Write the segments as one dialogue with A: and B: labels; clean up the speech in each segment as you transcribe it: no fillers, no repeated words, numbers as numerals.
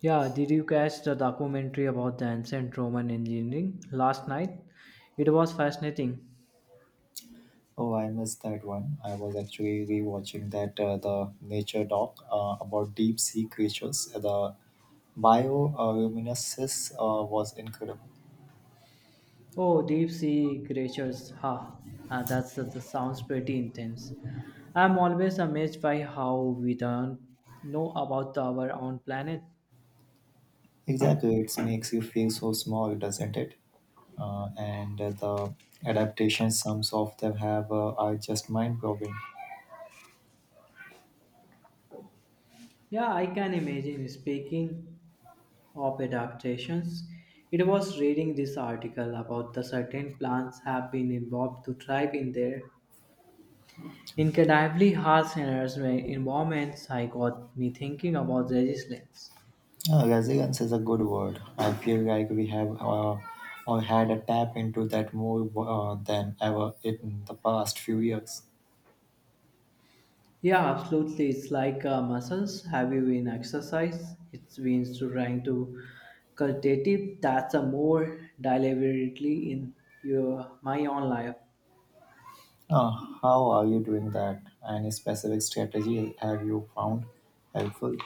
A: Yeah, did you catch the documentary about the ancient Roman engineering last night? It was fascinating.
B: Oh, I missed that one. I was actually rewatching that the nature doc about deep sea creatures. The bioluminescence was incredible.
A: Oh, deep sea creatures, ha! Ah, that sounds pretty intense. I'm always amazed by how we don't know about our own planet.
B: Exactly, it makes you feel so small, doesn't it? And The adaptations some of them have are just mind-blowing.
A: Yeah, I can imagine. Speaking of adaptations, it was reading this article about the certain plants have been involved to thrive in there Incredibly harsh and harassment environments I got me thinking about resilience.
B: Resilience is a good word. I feel like we have or had a tap into that more than ever in the past few years.
A: Yeah, absolutely. It's like muscles. Have you been exercise? It's been to trying to cultivate it. That's a more deliberately in your my own life.
B: Uh, how are you doing that? Any specific strategy have you found helpful?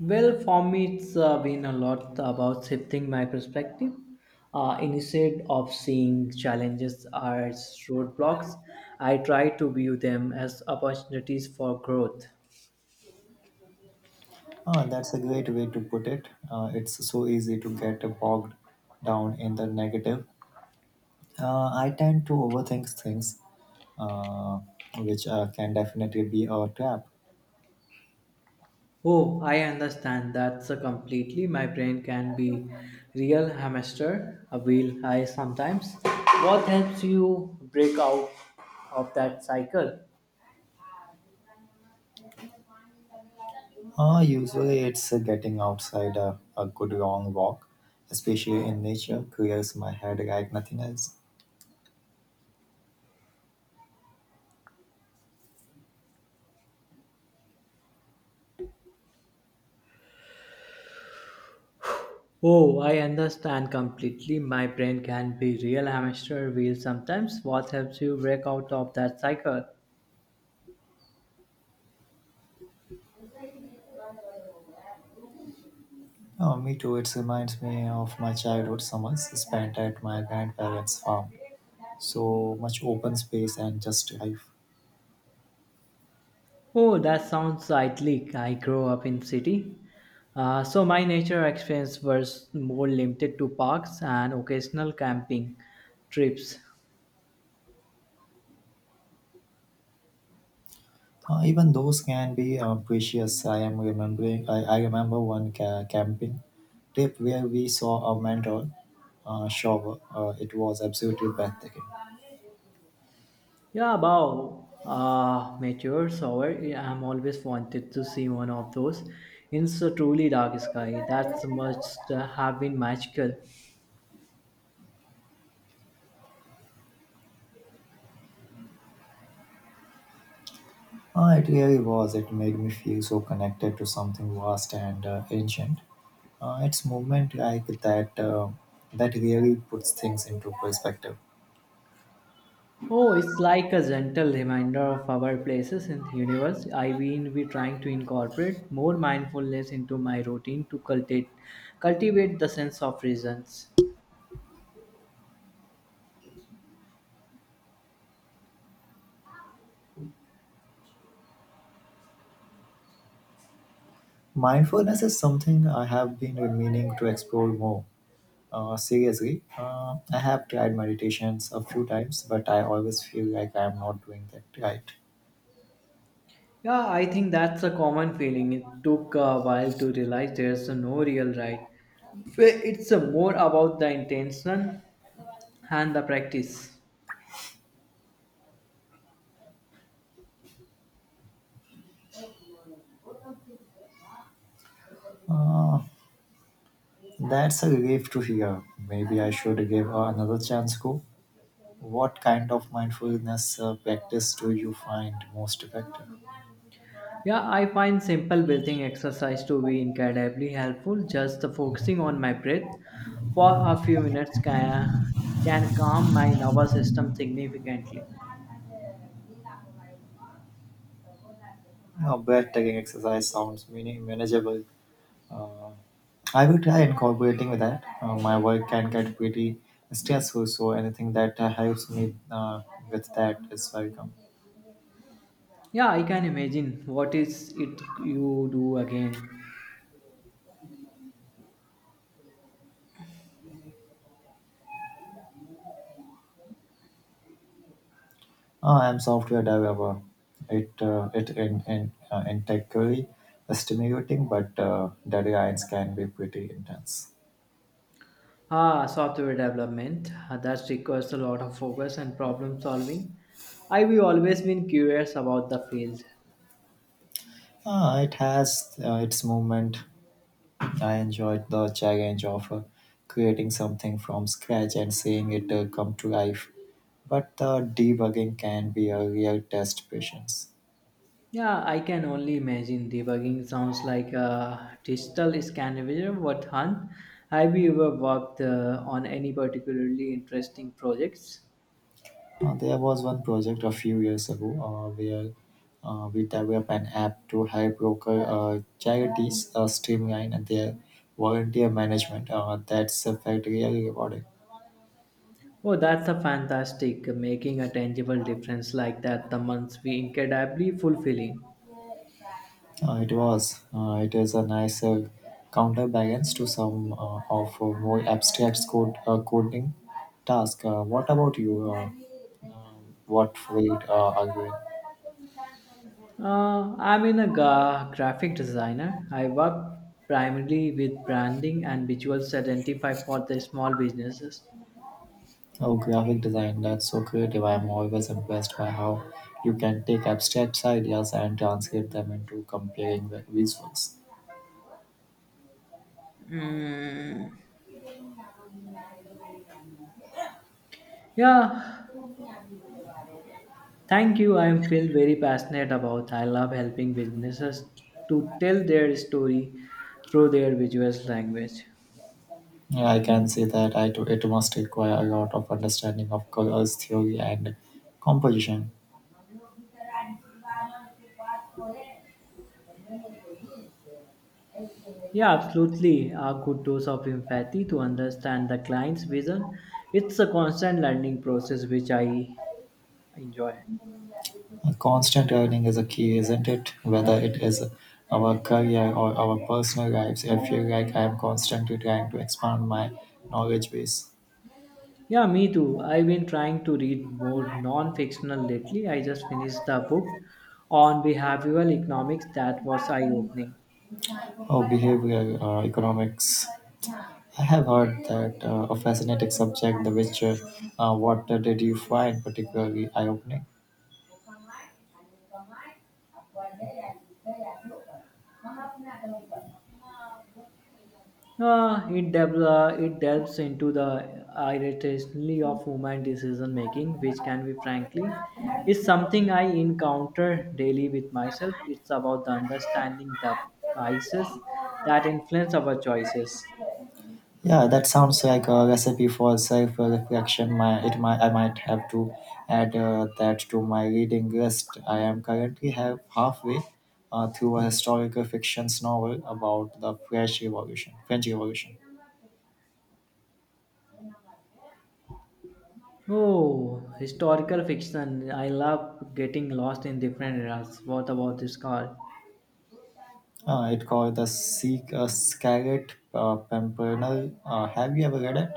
A: Well, for me, it's been a lot about shifting my perspective. Instead of seeing challenges as roadblocks, I try to view them as opportunities for growth.
B: That's a great way to put it. It's so easy to get bogged down in the negative. I tend to overthink things, uh, which can definitely be a trap.
A: Oh, I understand. That's a completely. My brain can be real hamster a wheel. I sometimes. What helps you break out of that cycle?
B: Usually, it's getting outside a good long walk, especially in nature, clears my head like nothing else.
A: Oh, I understand completely. My brain can be real hamster wheel sometimes. What helps you break out of that cycle?
B: Oh, me too. It reminds me of my childhood summers spent at my grandparents' farm. So much open space and just life.
A: Oh, that sounds idyllic. I grew up in city. So my nature experience was more limited to parks and occasional camping trips.
B: Even those can be precious. I am remembering. I remember one camping trip where we saw a mantle shower. It was absolutely breathtaking.
A: Yeah, wow. Mature. Shower. I'm always wanted to see one of those. It's a truly dark sky. That must have been magical.
B: It really was. It made me feel so connected to something vast and ancient. It's movement like that that really puts things into perspective.
A: Oh, it's like a gentle reminder of our places in universe. I will be trying to incorporate more mindfulness into my routine to cultivate the sense of presence.
B: Mindfulness is something I have been meaning to explore more. Seriously, I have tried meditations a few times, but I always feel like I am not doing that right.
A: Yeah, I think that's a common feeling. It took a while to realize there's no real right. It's more about the intention and the practice.
B: Uh, that's a relief to hear. Maybe I should give another chance go. What kind of mindfulness practice do you find most effective?
A: Yeah, I find simple breathing exercise to be incredibly helpful. Just the focusing on my breath for a few minutes can calm my nervous system significantly.
B: No, breathtaking exercise sounds meaning manageable. Uh, I will try incorporating with that. My work can get pretty stressful, so anything that helps me with that is welcome.
A: Yeah, I can imagine. What is it you do again?
B: I'm software developer. It it in intellectually stimulating, but deadlines can be pretty intense.
A: Ah, software development. Ah, that requires a lot of focus and problem solving. I've always been curious about the field.
B: It has its movement. I enjoyed the challenge of creating something from scratch and seeing it come to life. But the debugging can be a real test patience.
A: Yeah, I can only imagine debugging sounds like a digital Scandinavian what hunt. Have you ever worked on any particularly interesting projects?
B: There was one project a few years ago where we developed an app to help local charities streamline their volunteer management. That's felt really rewarding.
A: Oh, that's a fantastic making a tangible difference like that. The months be incredibly fulfilling.
B: It was. It is a nice counterbalance to some of more abstract code coding task. What about you? What field are you in?
A: I'm in a graphic designer. I work primarily with branding and visuals identify for the small businesses.
B: Oh, graphic design, that's so creative. I'm always impressed by how you can take abstract ideas and translate them into compelling visuals.
A: Yeah, thank you. I am feel very passionate about. I love helping businesses to tell their story through their visual language.
B: Yeah, I can see that I do, it must require a lot of understanding of colors, theory, and composition.
A: Yeah, absolutely. A good dose of empathy to understand the client's vision. It's a constant learning process which I enjoy.
B: A constant learning is a key, isn't it? Whether it is our career or our personal lives, I feel like I'm constantly trying to expand my knowledge base.
A: Yeah, me too. I've been trying to read more non-fictional lately. I just finished the book on behavioral economics that was eye-opening.
B: Oh, behavioral economics. I have heard that a fascinating subject. What did you find particularly eye-opening?
A: It delves into the irrationality of human decision making, which can be frankly is something I encounter daily with myself. It's about the understanding the biases that influence our choices.
B: Yeah, that sounds like a recipe for self-reflection. I might have to add that to my reading list. I am currently have halfway through a historical fiction novel about the French Revolution. French Revolution.
A: Oh, historical fiction. I love getting lost in different eras. What about this called?
B: It called the Seek Scarlet Pimpernel. Have you ever read it?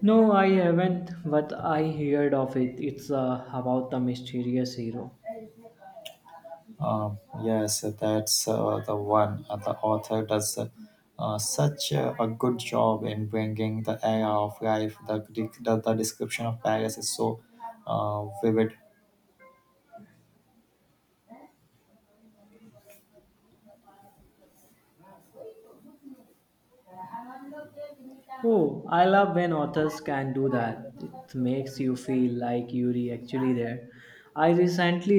A: No, I haven't, but I heard of it. It's about the mysterious hero.
B: Yes, that's the one. The author does such a good job in bringing the era of life. The description of Paris is so vivid
A: Oh, I love when authors can do that. It makes you feel like you're actually there. I recently